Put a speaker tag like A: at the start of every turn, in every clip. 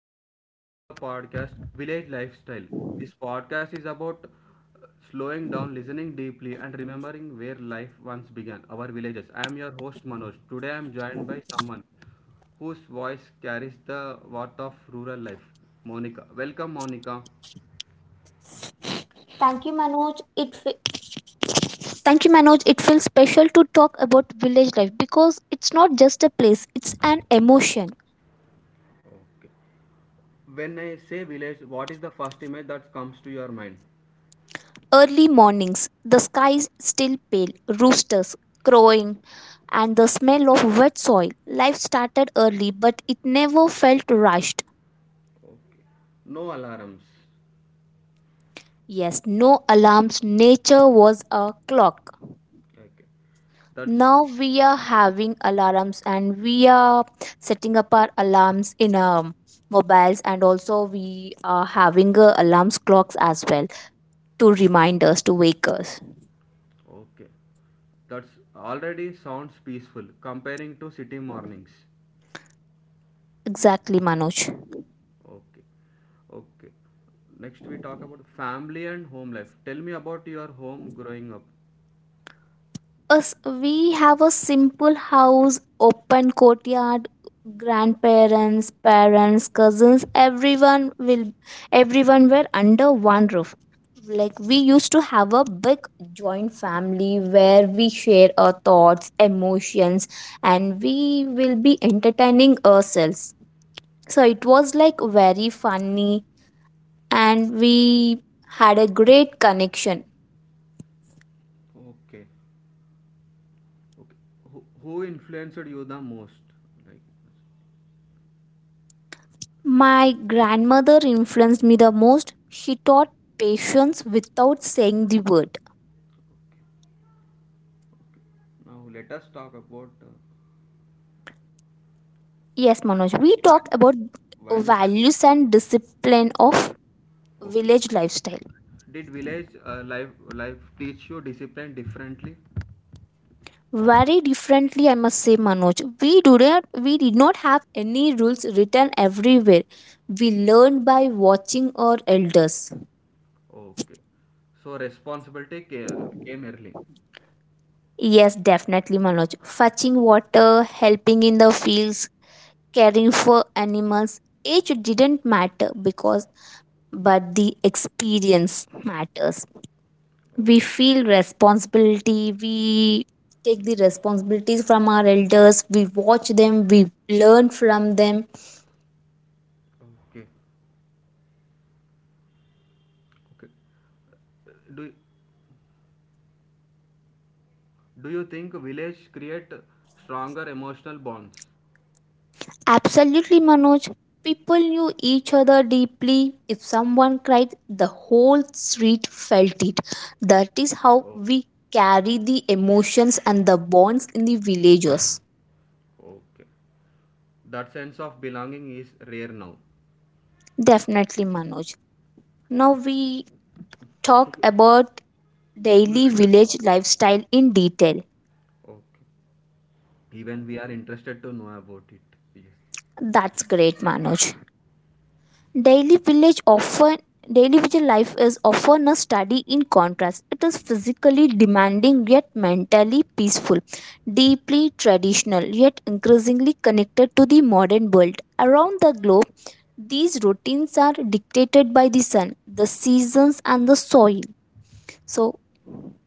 A: everyone, welcome to the podcast Village Lifestyle. This podcast is about slowing down, listening deeply, and remembering where life once began, our villages. I am your host Manoj. Today I am joined by someone whose voice carries the worth of rural life, Monica. Welcome, Monica.
B: Thank you, Manoj. Thank you, Manoj. It feels special to talk about village life because it's not just a place; it's an emotion.
A: When I say village, what is the first image that comes to your mind?
B: Early mornings, the sky is still pale, roosters crowing, and the smell of wet soil. Life started early, but it never felt rushed.
A: No alarms.
B: Yes, no alarms. Nature was a clock.
A: Okay. That's
B: Now we are having alarms and we are setting up our alarms in our mobiles, and also we are having alarms clocks as well to remind us to wake us.
A: Okay. That's already sounds peaceful comparing to city mornings.
B: Exactly, Manoj.
A: Okay. Okay. Next we talk about family and home life. Tell me about your home growing up.
B: Us, we have a simple house, open courtyard, grandparents, parents, cousins, everyone were under one roof. Like, we used to have a big joint family where we share our thoughts, emotions, and we will be entertaining ourselves. So it was like very funny, and we had a great connection.
A: Okay. Okay. Who influenced you the most? Like
B: My grandmother influenced me the most. She taught patience without saying the word.
A: okay. Okay. Now let us talk about
B: Yes, Manoj, we talk
A: value,
B: about
A: values and
B: values and discipline of
A: okay.
B: village lifestyle.
A: Did village life teach you discipline differently?
B: Very differently, I must say, Manoj. We did not have any rules written everywhere. We learned by watching our elders.
A: Okay. So responsibility came early.
B: Yes, definitely, Manoj. Fetching water, helping in the fields, caring for animals. Age didn't matter because But the experience matters.
A: O-
B: We feel responsibility, we take the responsibilities from our elders, we watch them, we learn from them.
A: Okay. Okay. Do Do you think village create stronger emotional bonds?
B: Absolutely, Manoj. People knew each other deeply. If someone cried, the whole street felt it. That is how
A: Oh,
B: we carry the emotions and the bonds in the villages.
A: okay. That sense of belonging is rare now.
B: Definitely, Manoj. Now we talk about daily village lifestyle in detail.
A: Okay. Even we are interested to know about it. Yes.
B: That's great, Manoj. Daily village often Daily village life is often a study in contrast. It is physically demanding yet mentally peaceful, deeply traditional yet increasingly connected to the modern world. Around the globe, these routines are dictated by the sun, the seasons, and the soil. So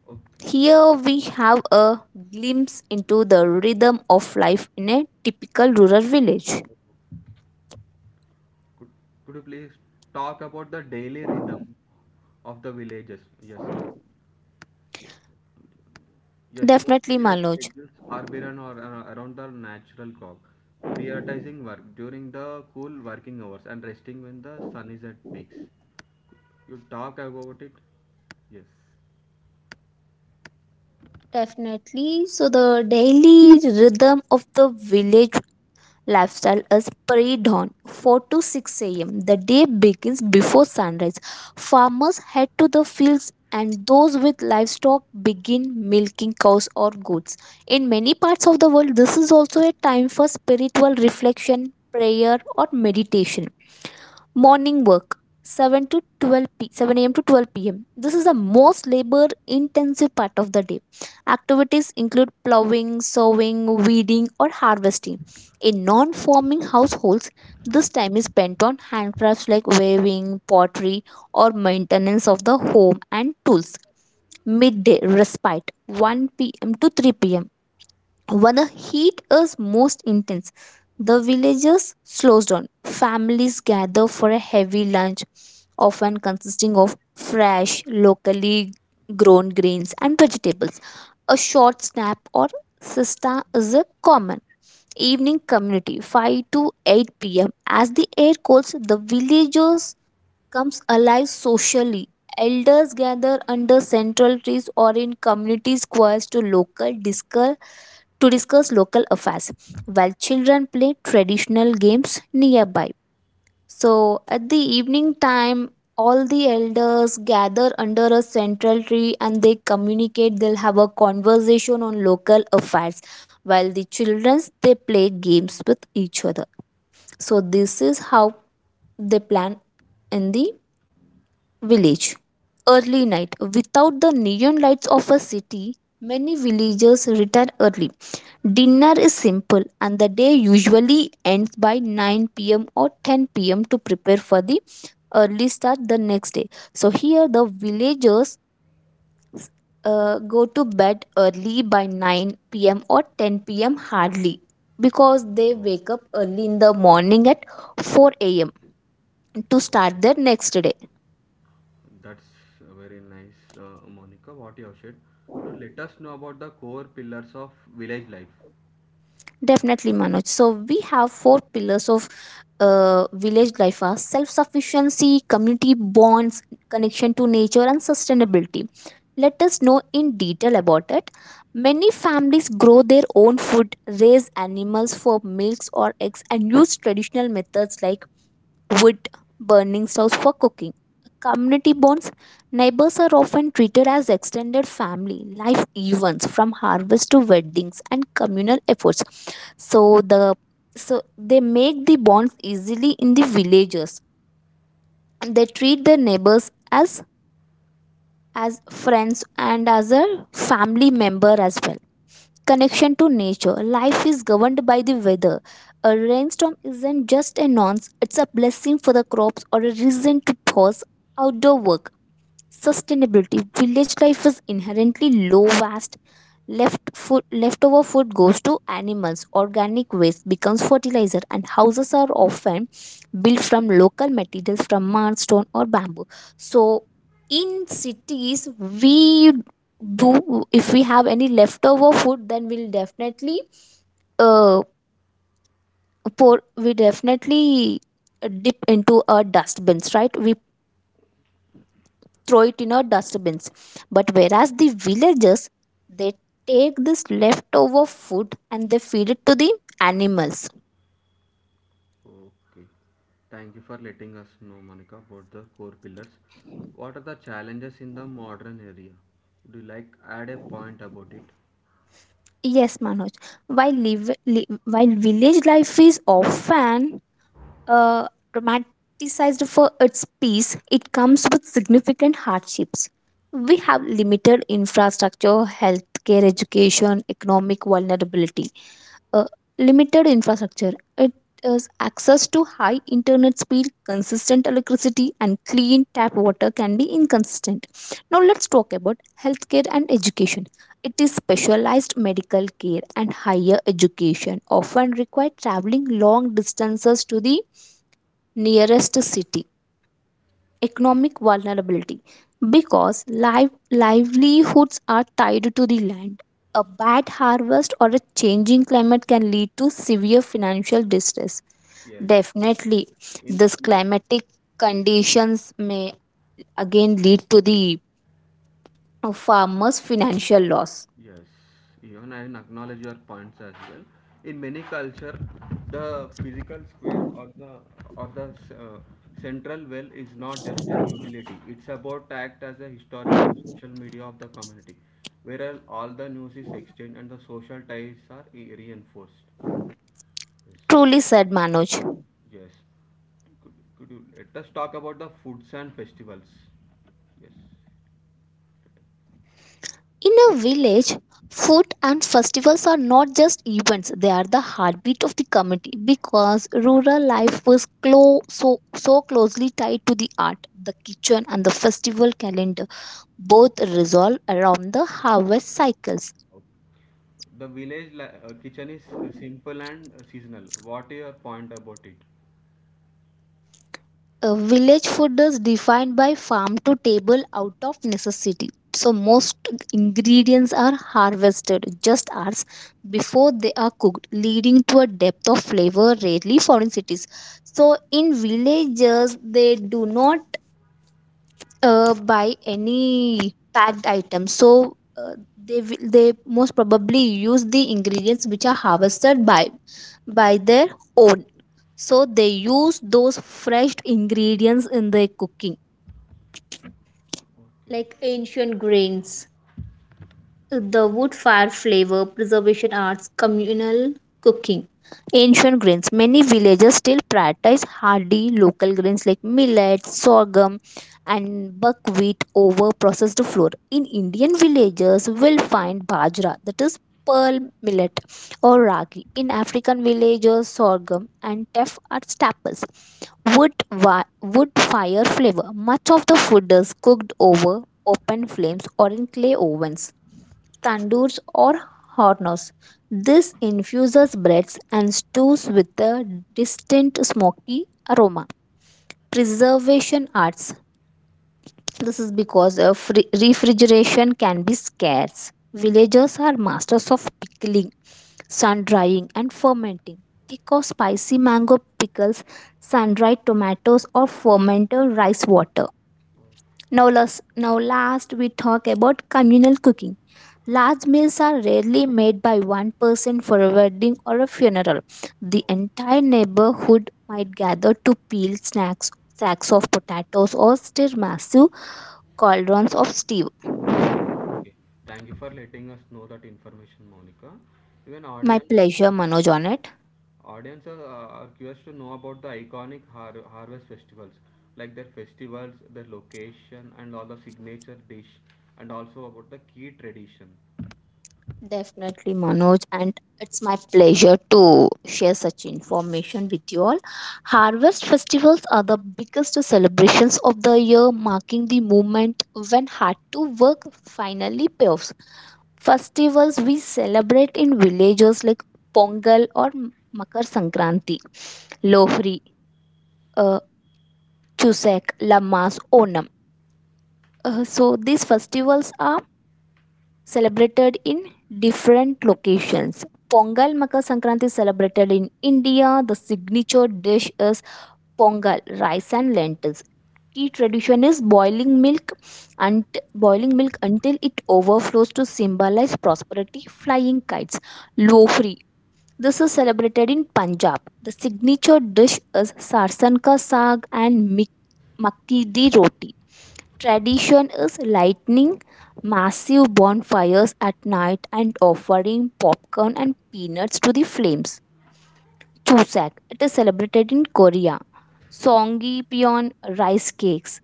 A: Okay.
B: here we have a glimpse into the rhythm of life in a typical rural village.
A: Could Could you please talk about the daily rhythm of the villages? Yes. Ye- Yes, most
B: Definitely,
A: village
B: Manoj.
A: schedules are run or around the natural clock, prioritizing work during the cool working hours and resting when the sun is at peaks. You talk about it? Yes.
B: Definitely. So, the daily rhythm of the village lifestyle is pre dawn, 4 to 6 a.m. The day begins before sunrise. Farmers head to the fields, and those with livestock begin milking cows or goats. In many parts of the world, this is also a time for spiritual reflection, prayer, or meditation. Morning work, 7 a.m to 12 p.m. This is the most labor intensive part of the day. Activities include plowing, sowing, weeding, or harvesting. In non-farming households, this time is spent on handcrafts like weaving, pottery, or maintenance of the home and tools. Midday respite, 1 p.m to 3 p.m. When the heat is most intense, the villagers slows down. Families gather for a heavy lunch, often consisting of fresh, locally grown grains and vegetables. A short snap or siesta is a common evening. Community, 5 to 8 p.m. As the air cools, the villagers comes alive socially. Elders gather under central trees or in community squares to local discuss to discuss local affairs, while children play traditional games nearby. So at the evening time, all the elders gather under a central tree and they communicate, they'll have a conversation on local affairs, while the children, they play games with each other. So this is how they plan in the village. Early night. Without the neon lights of a city, many villagers retire early. Dinner is simple, and the day usually ends by 9 p.m. or 10 p.m. to prepare for the early start the next day. So, here the villagers go to bed early by 9 p.m. or 10 p.m. hardly, because they
A: Oh,
B: wake up early in the morning at 4 a.m. to start
A: okay.
B: their next day.
A: That's very nice, Monica. What you have said. Now let us know about the core pillars of village life.
B: Definitely, Manoj. So we have four pillars of village life, are self-sufficiency, community bonds, connection to nature, and sustainability. Let us know in detail about it. Many families grow their own food, raise animals for milks or eggs, and use traditional methods like wood burning stoves for cooking. Community bonds: neighbors are often treated as extended family. Life events from harvest to weddings and communal efforts. So the so they make the bonds easily in the villages. They treat their neighbors as friends and as a family member as well. Connection to nature. Life is governed by the weather. A rainstorm isn't just a nonce, it's a blessing for the crops or a reason to pause outdoor work. Sustainability: village life is inherently low waste. Leftover food goes to animals, organic waste becomes fertilizer, and houses are often built from local materials, from mud, stone, or bamboo. So in cities, we do, if we have any leftover food, then we'll definitely uh pour we definitely dip into our dustbins, right, we throw it in our dustbins. But whereas the villagers, they take this leftover food and they feed it to the animals.
A: Okay. Thank you for letting us know, Monica, about the core pillars. What are the challenges in the modern area? Would you like add a point about it?
B: Yes, Manoj. While village life is often uh, romanticized for its peace, it comes with significant hardships. We have limited infrastructure, healthcare, education, economic vulnerability. A limited infrastructure. It is access to high internet speed, consistent electricity, and clean tap water can be inconsistent. Now, let's talk about healthcare and education. It is specialized medical care and higher education, often require traveling long distances to the nearest city. Economic vulnerability, because livelihoods are tied to the land. A bad harvest or a changing climate can lead to severe financial distress.
A: Yes.
B: Definitely,
A: In,
B: this
A: in
B: climatic conditions may again lead to the farmers' financial loss.
A: yes, even I acknowledge your points as well. In many culture, the physical square or the uh, central well is not just a utility. It's about act as a historical social media of the community, where all the news is exchanged and the social ties are reinforced. Yes,
B: Truly said, Manoj.
A: yes. Could you let us talk about the foods and festivals? Yes.
B: In a village, food and festivals are not just events, they are the heartbeat of the community, because rural life was so closely tied to the art, the kitchen, and the festival calendar. Both resolve around the harvest cycles.
A: Okay. The village kitchen is simple and seasonal. What is your point about it?
B: Village food is defined by farm to table out of necessity. So, most ingredients are harvested just hours before they are cooked, leading to a depth of flavor rarely found in cities. So, in villages, they do not buy any packed item, so they most probably use the ingredients which are harvested by their own, so they use those fresh ingredients in their cooking,
A: Okay,
B: like ancient grains. The wood fire flavor, preservation arts, communal cooking. Ancient grains. Many villages still prioritize hardy local grains like millet, sorghum, and buckwheat over processed flour. In Indian villages, we'll find bajra, that is pearl millet, or ragi. In African villages, sorghum and teff are staples. Wood fire flavor. Much of the food is cooked over open flames or in clay ovens, tandoors, or hornos. This infuses breads and stews with a distinct smoky aroma. Preservation arts. This is because of refrigeration can be scarce. Villagers are masters of pickling, sun drying, and fermenting. Think of spicy mango pickles, sun dried tomatoes, or fermented rice water. Now last we talk about communal cooking. Large meals are rarely made by one person. For a wedding or a funeral, the entire neighborhood might gather to peel snacks, sacks of potatoes, or stir massive cauldrons of stew.
A: okay. Thank you for letting us know that information, Monica. Even
B: My
A: audience,
B: pleasure, Manoj, on it.
A: audience are curious to know about the iconic harvest festivals, like their festivals, their location, and all the signature dish, and also about the key tradition.
B: Definitely, Manoj, and it's my pleasure to share such information with you all. Harvest festivals are the biggest celebrations of the year, marking the moment when hard to work finally payoffs. Festivals we celebrate in villages, like Pongal or Makar Sankranti, Lohri, uh, Chusak, Lamas, Onam. So these festivals are celebrated in different locations. Pongal Makar Sankranti is celebrated in India. The signature dish is pongal, rice and lentils. Key tradition is and boiling milk until it overflows to symbolize prosperity. Flying kites, lofri. This is celebrated in Punjab. The signature dish is sarson ka saag and makki di roti. Tradition is lighting massive bonfires at night and offering popcorn and peanuts to the flames. Chuseok, it is celebrated in Korea. Songgyeopyeon rice cakes.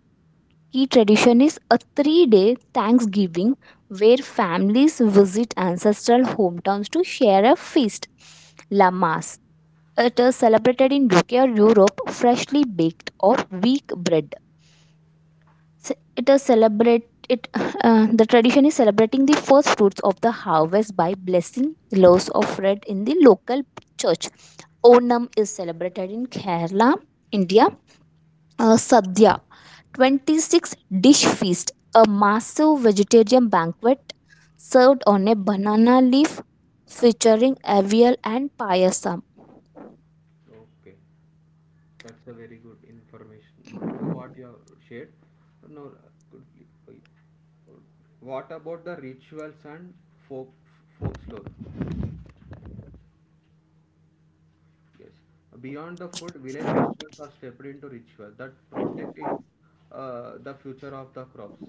B: Key tradition is a 3-day Thanksgiving where families visit ancestral hometowns to share a feast. Lamas. It is celebrated in UK or Europe, freshly baked or weak bread. Ce- it is celebrate it The tradition is celebrating the first fruits of the harvest by blessing loaves of bread in the local church. Onam is celebrated in Kerala, India. Uh, sadhya, 26 dish feast, a massive vegetarian banquet served on a banana leaf, featuring avial and payasam.
A: Okay, that's a very good information, Monica. What you have shared. Now, could please. Oh, yeah. What about the rituals and folk folklore? Yes. Beyond the food, village festivals are stepped into ritual that protect it, the future of the crops.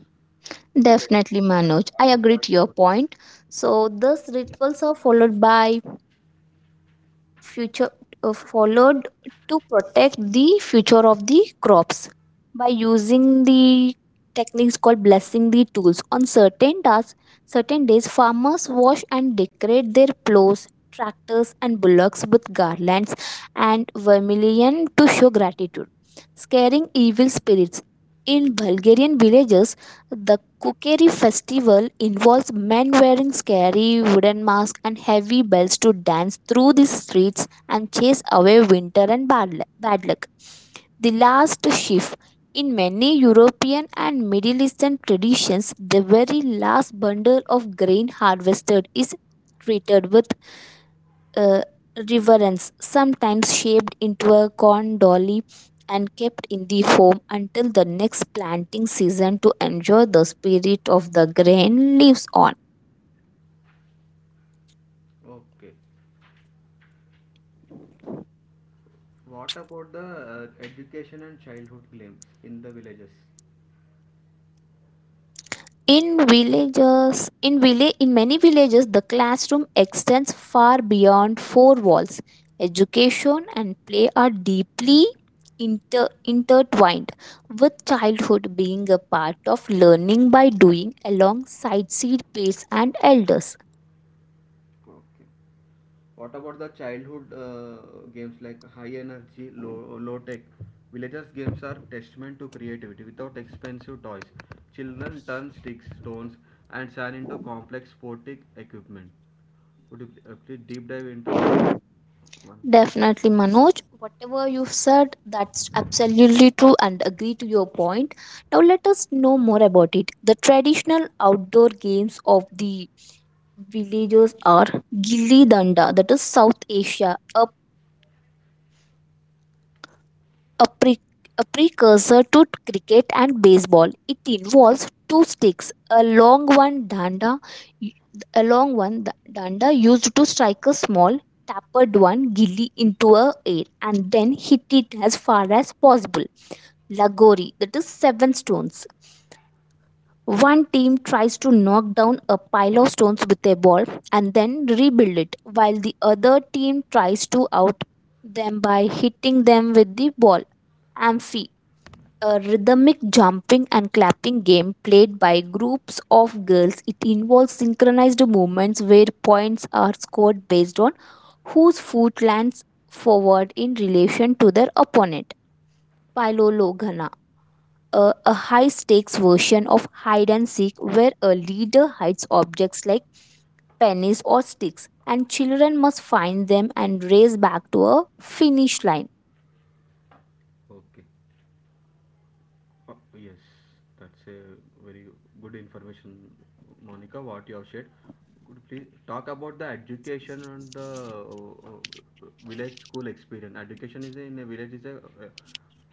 A: Do let us
B: Definitely, Manoj, I
A: have a
B: agree
A: point
B: to your
A: about
B: point. So these rituals are future followed to protect the future of the crops by using the techniques called blessing the tools on certain tasks. Certain days, farmers wash and decorate their plows, tractors, and bullocks with garlands and vermilion to show gratitude. Scaring evil spirits: in Bulgarian villages, the Kukeri festival involves men wearing scary wooden masks and heavy bells to dance through the streets and chase away winter and bad luck. The last sheaf. In many European and Middle Eastern traditions, the very last bundle of grain harvested is treated with uh, reverence, sometimes shaped into a corn dolly and kept in the home until the next planting season to enjoy the spirit of the grain lives on.
A: it. Okay. What about the education and childhood claims in the villages?
B: In many villages, the classroom extends far beyond four walls. Education and play are deeply intertwined, with childhood being a part of learning by doing alongside seed peers and elders.
A: Okay. What about the childhood games like high energy, low tech? Villagers' games are testament to creativity without expensive toys. Children turn sticks, stones, and sand into complex sporting equipment. Would you please deep dive into those one?
B: Definitely, Manoj. Whatever you've said, that's absolutely true and agree to your point. Now, let us know more about it. The traditional outdoor games of the villagers are Gilli Danda, that is South Asia, a, pre- a precursor to cricket and baseball. It involves two sticks, a long one danda, a long one danda used to strike a small tapered one gilly into a air and then hit it as far as possible. Lagori, that is seven stones. One team tries to knock down a pile of stones with a ball and then rebuild it, while the other team tries to out them by hitting them with the ball. Amphi, a rhythmic jumping and clapping game played by groups of girls. It involves synchronized movements where points are scored based on whose foot lands forward in relation to their opponent. Pylologhana, a high stakes version of hide and seek where a leader hides objects like pennies or sticks and children must find them and race back to a finish line.
A: Okay. Yes, that's a very good information, Monica, what you have shared. Could you please talk about the education and the village school experience? Education is in a village is a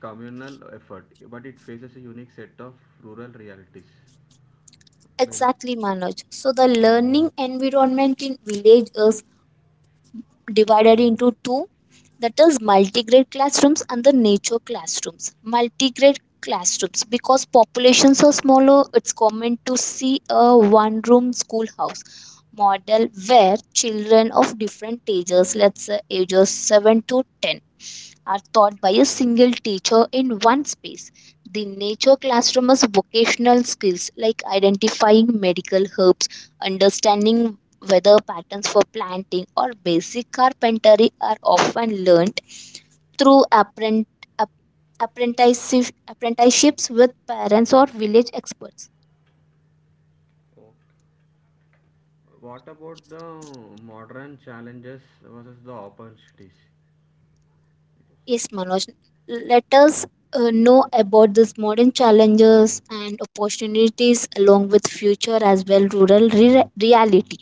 A: communal effort, but it faces a unique set of rural realities. You know,
B: Exactly, Manoj. So the learning environment in villages divided into two, that is multigrade classrooms and the nature classrooms. Multigrade classrooms, because populations are smaller, it's common to see a one room schoolhouse model where children of different ages, let's say ages 7 to 10, are taught by a single teacher in one space. The nature classroom is vocational skills like identifying medical herbs, understanding weather patterns for planting or basic carpentry are often learnt through ap- apprenticeships with parents or village experts.
A: what about the modern challenges versus the opportunities?
B: Yes, Manoj. Let us know about these modern challenges and opportunities along with future as well rural reality.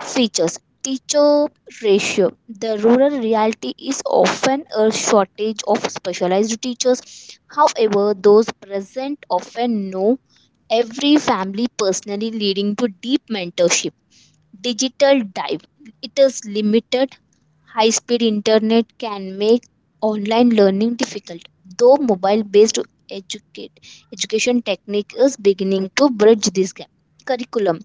B: Features. Teacher ratio. The rural reality is often a shortage of specialized teachers. However, those present often know every family personally, leading to deep mentorship. Digital dive. It is limited. High speed internet can make online learning difficult, though mobile based educate, education technique is beginning to bridge this gap. Curriculum.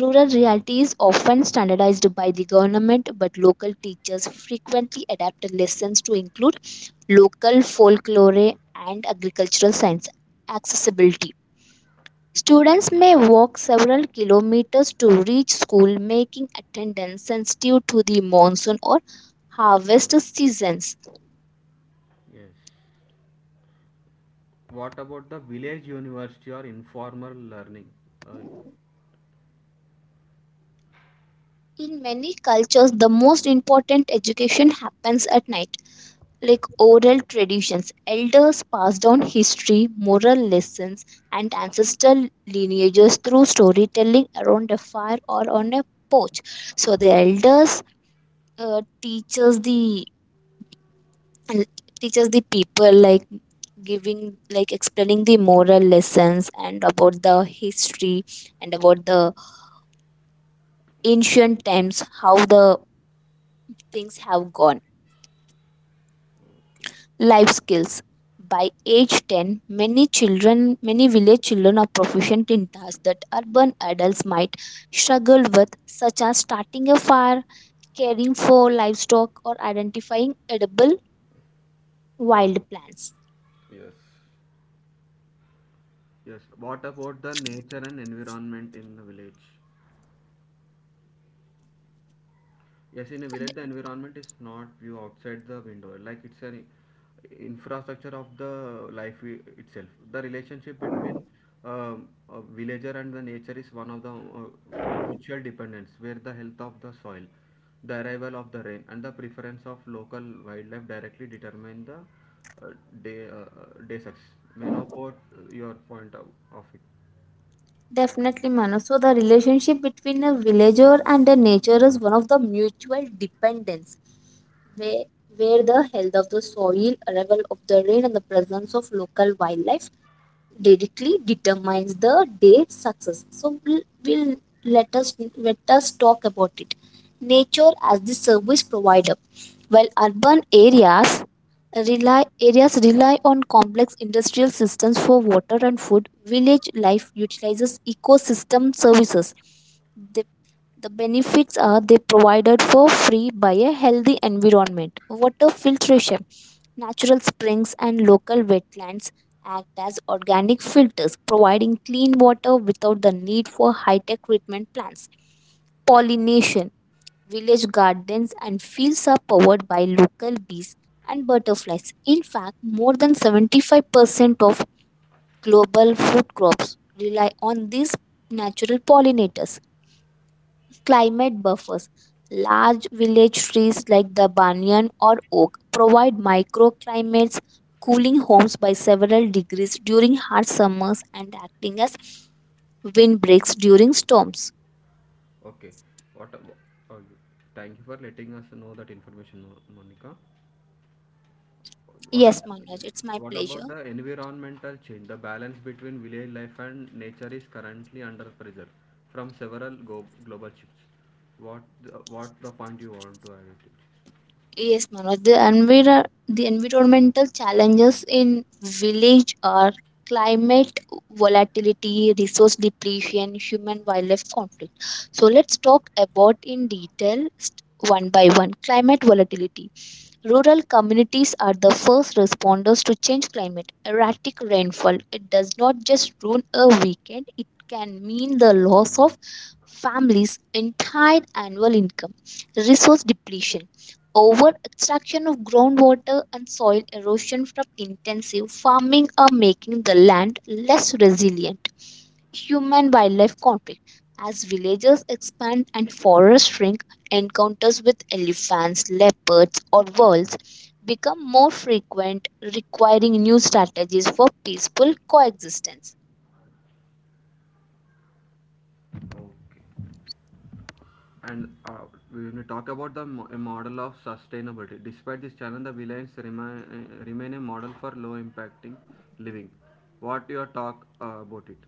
B: Rural reality is often standardized by the government, but local teachers frequently adapt lessons to include local folklore and agricultural science. Accessibility. Students may walk several kilometers to reach school, making attendance sensitive to the monsoon or harvest seasons.
A: Yes. What about the village university or informal learning? Uh,
B: In many cultures, the most important education happens at night, like oral traditions. Elders pass down history, moral lessons, and ancestral lineages through storytelling around a fire or on a porch. So the elders uh, teaches the teaches the people like giving, like explaining the moral lessons and about the history and about the ancient times, how the things have gone. Life skills. By age 10, many village children are proficient in tasks that urban adults might struggle with, such as starting a fire, caring for livestock, or identifying edible wild plants.
A: Yes. What about the nature and environment in the village? Yes, in a village, the environment is not view outside the window. Like it's an infrastructure of the life itself. The relationship between a villager and the nature is one of the mutual dependence, where the health of the soil, the arrival of the rain, and the preference of local wildlife directly determine the uh, day success. May know about your point of it.
B: Definitely, Manu. So, the relationship between a villager and the nature is one of the mutual dependence where, where the health of the soil, arrival of the rain, and the presence of local wildlife directly determines the day's success. So we'll let us talk about it. Nature as the service provider. While urban areas rely on complex industrial systems for water and food, village life utilizes ecosystem services. The, the benefits are they provided for free by a healthy environment. Water filtration. Natural springs and local wetlands act as organic filters, providing clean water without the need for high tech treatment plants. Pollination. Village gardens and fields are powered by local bees and butterflies. In fact, more than 75% of global food crops rely on these natural pollinators. Climate buffers. Large village trees like the banyan or oak provide microclimates, cooling homes by several degrees during hard summers and acting as windbreaks during storms.
A: Okay. What about, uh, thank you for letting us know that information, Monica. What are,
B: Yes,
A: yes.
B: Manoj, it's my
A: What
B: pleasure.
A: about the environmental change? The balance between village life and nature is currently under pressure from several global shifts. What the point you want to add it?
B: Yes, Manoj, the environmental challenges in village are climate volatility, resource depletion, human wildlife conflict. So let's talk about in detail, one by one. Climate volatility. Rural communities are the first responders to change climate. Erratic rainfall. It does not just ruin a weekend, it can mean the loss of families' entire annual income. Resource depletion. Over extraction of groundwater and soil erosion from intensive farming are making the land less resilient. Human wildlife conflict. As villages expand and forests shrink, encounters with elephants, leopards, or wolves become more frequent, requiring new strategies for peaceful coexistence.
A: To? Okay. And when we talk about the a model of sustainability, despite this challenge, the villains remain, remain a model for low impacting living. What your talk about it?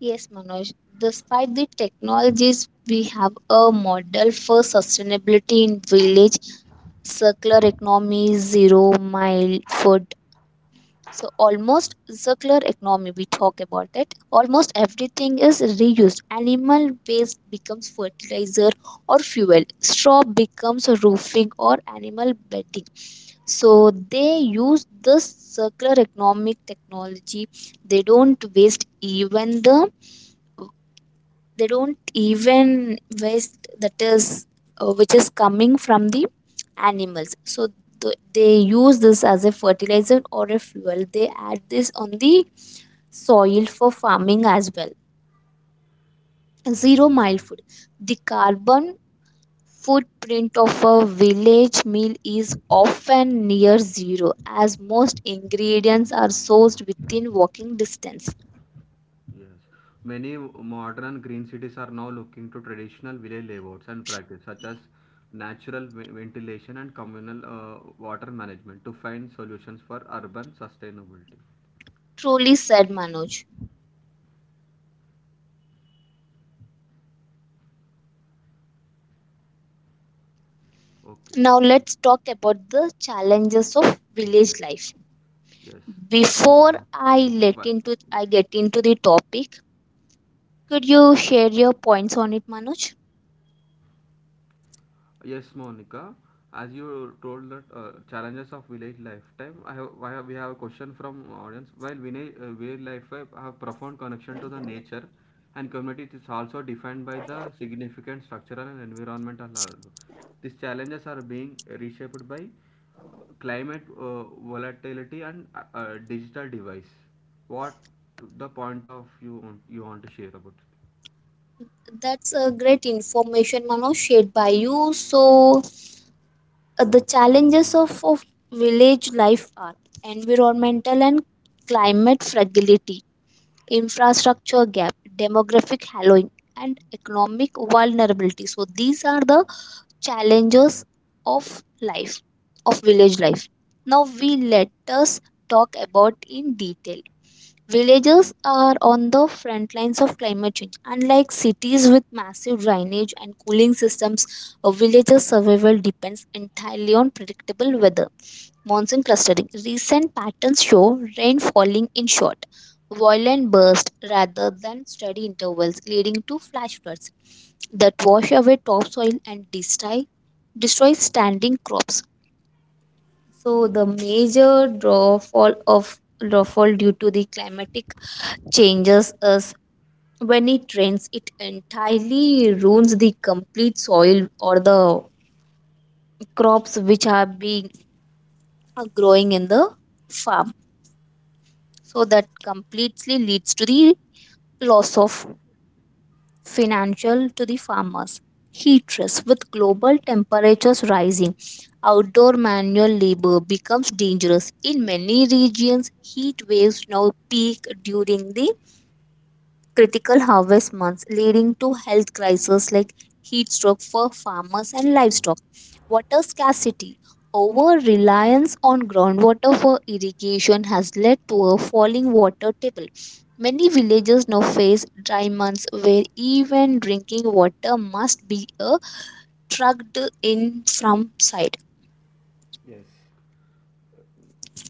B: Yes, Manoj, despite the technologies, we have a model for sustainability in village: circular economy, zero mile food. So almost circular economy we talk about it. Almost everything is reused. Animal waste becomes fertilizer or fuel. Straw becomes roofing or animal bedding. So they use this circular economic technology. They don't waste even the, they don't even waste that is which is coming from the animals, so they use this as a fertilizer or a fuel, they add this on the soil for farming as well. Zero mile food. The carbon footprint of a village meal is often near zero, as most ingredients are sourced within walking distance.
A: Yes. Many modern green cities are now looking to traditional village layouts and practice such as natural ventilation and communal water management to find solutions for urban sustainability.
B: Truly said, Manoj.
A: Okay.
B: Now let's talk about the challenges of village
A: Okay.
B: life.
A: Yes.
B: Before I let
A: Why?
B: into I get into the topic, could you share your points on it, Manoj?
A: Yes, Monica. As you told that challenges of village lifetime, we have a question from audience. While village, life have profound connection to the nature and community, it is also defined by the significant structural and environmental hurdles. These challenges are being reshaped by climate volatility and digital device. What the point of you want to share about?
B: That's a great information, Manoj, shared by you. So the challenges of village life are environmental and climate fragility, infrastructure gap, demographic hollowing, and economic vulnerability. So these are the challenges of life of village life. Now we let us talk about in detail. Villages are on the front lines of climate change. Unlike cities with massive drainage and cooling systems, a village's survival depends entirely on predictable weather. Monsoon clustering. Recent patterns show rain falling in short, violent bursts rather than steady intervals, leading to flash floods that wash away topsoil and destroys standing crops. So the major drawfall due to the climatic changes is, when it rains, it entirely ruins the complete soil or the crops which are growing in the farm. So that completely leads to the loss of financial to the farmers. Heat stress. With global temperatures rising, outdoor manual labor becomes dangerous. In many regions, heat waves now peak during the critical harvest months, leading to health crises like heat stroke for farmers and livestock. Water scarcity. Over reliance on groundwater for irrigation has led to a falling water table. Many villages now face dry months where even drinking water must be trucked in from side.
A: Yes.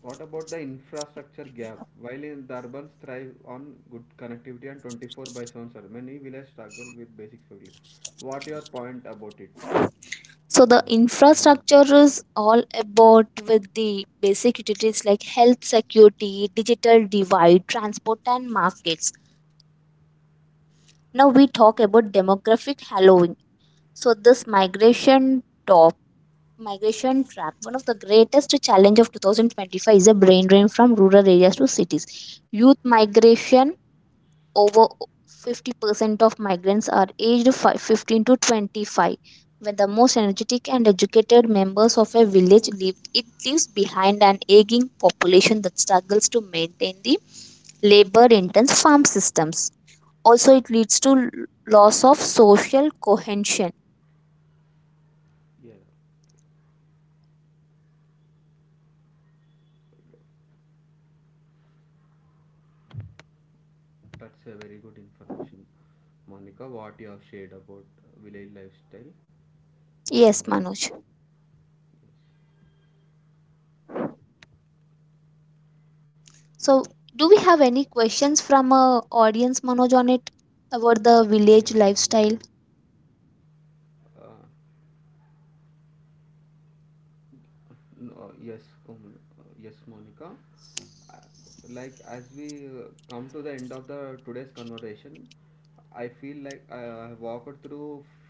A: What about the infrastructure gap? While in the urbans thrive on good connectivity and 24 by 7 service, many villages struggle with basic facilities. What your point about it?
B: So the infrastructure is all about with the basic utilities like health, security, digital divide, transport and markets. Now we talk about demographic hallowing. So this migration trap, one of the greatest challenge of 2025, is a brain drain from rural areas to cities. Youth migration, over 50% of migrants are aged 15 to 25. When the most energetic and educated members of a village leave, it leaves behind an aging population that struggles to maintain the labor intense farm systems. Also, it leads to loss of social cohesion.
A: That's a very good information, Monica. What you have shared about village lifestyle?
B: Yes, Manoj. So do we have any questions from audience, Manoj, on it, about the
A: Yes.
B: village lifestyle?
A: Uh, no, yes, Monica. Uh, Like as we come to the end of the today's conversation, I feel like I walked through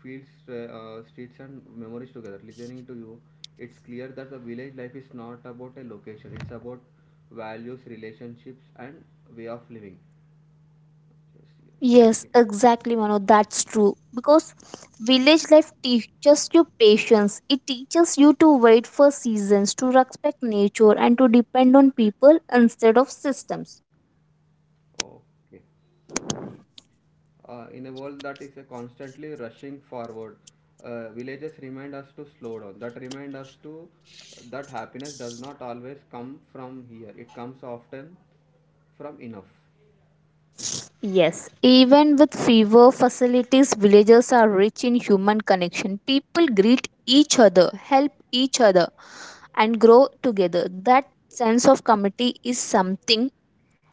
A: fields, streets, and memories together. Listening to you, it's clear that the village life is not about a location. It's about values, relationships, and way of living. Yes, yes.
B: Yes,
A: Okay.
B: exactly, Mano. That's true. Because village life teaches you patience. It teaches you to wait for seasons, to respect nature, and to depend on people instead of systems.
A: Okay. In a world that is constantly rushing forward, villages remind us to slow down. That remind us to that happiness does not always come from here. It comes often from enough.
B: Yes, even with fewer facilities, villages are rich in human connection. People greet each other, help each other, and grow together. That sense of community is something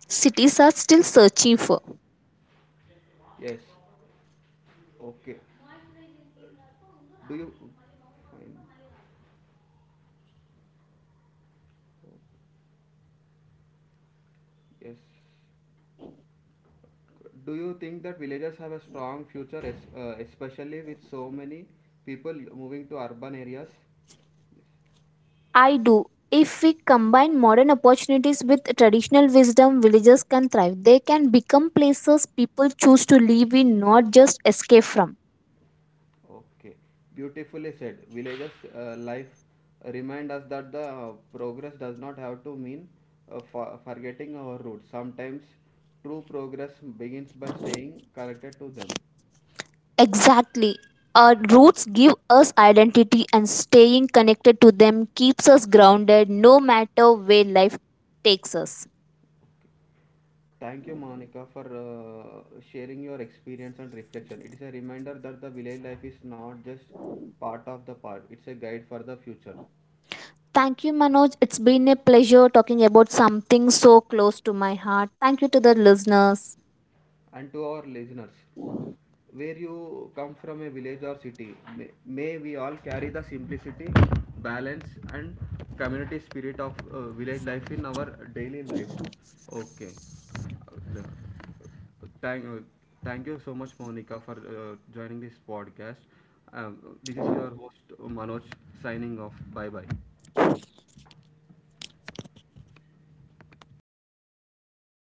B: cities are still searching for.
A: Yes. Okay. Do you fine? Yes. Do you think that villages have a strong future, especially with so many people moving to urban areas? Yes.
B: I do. If we combine modern opportunities with traditional wisdom, villages can thrive. They can become places people choose to live in, not just escape from.
A: Okay, beautifully said. Villages life remind us that the progress does not have to mean forgetting our roots. Sometimes true progress begins by staying connected to them.
B: Exactly. Our roots give us identity, and staying connected to them keeps us grounded no matter where life takes us.
A: Okay. Thank you, Monica, for sharing your experience and reflection. It is a reminder that the village life is not just part of the part; it's a guide for the future.
B: Thank you, Manoj. It's been a pleasure talking about something so close to my heart. Thank you to the listeners.
A: And to our listeners, where you come from a village or city, may we all carry the simplicity, balance, and community spirit of village life in our daily lives. Okay. Uh, thank, uh, Thank you so much, Monica, for joining this podcast. um, this is your host Manoj, signing off. Bye bye.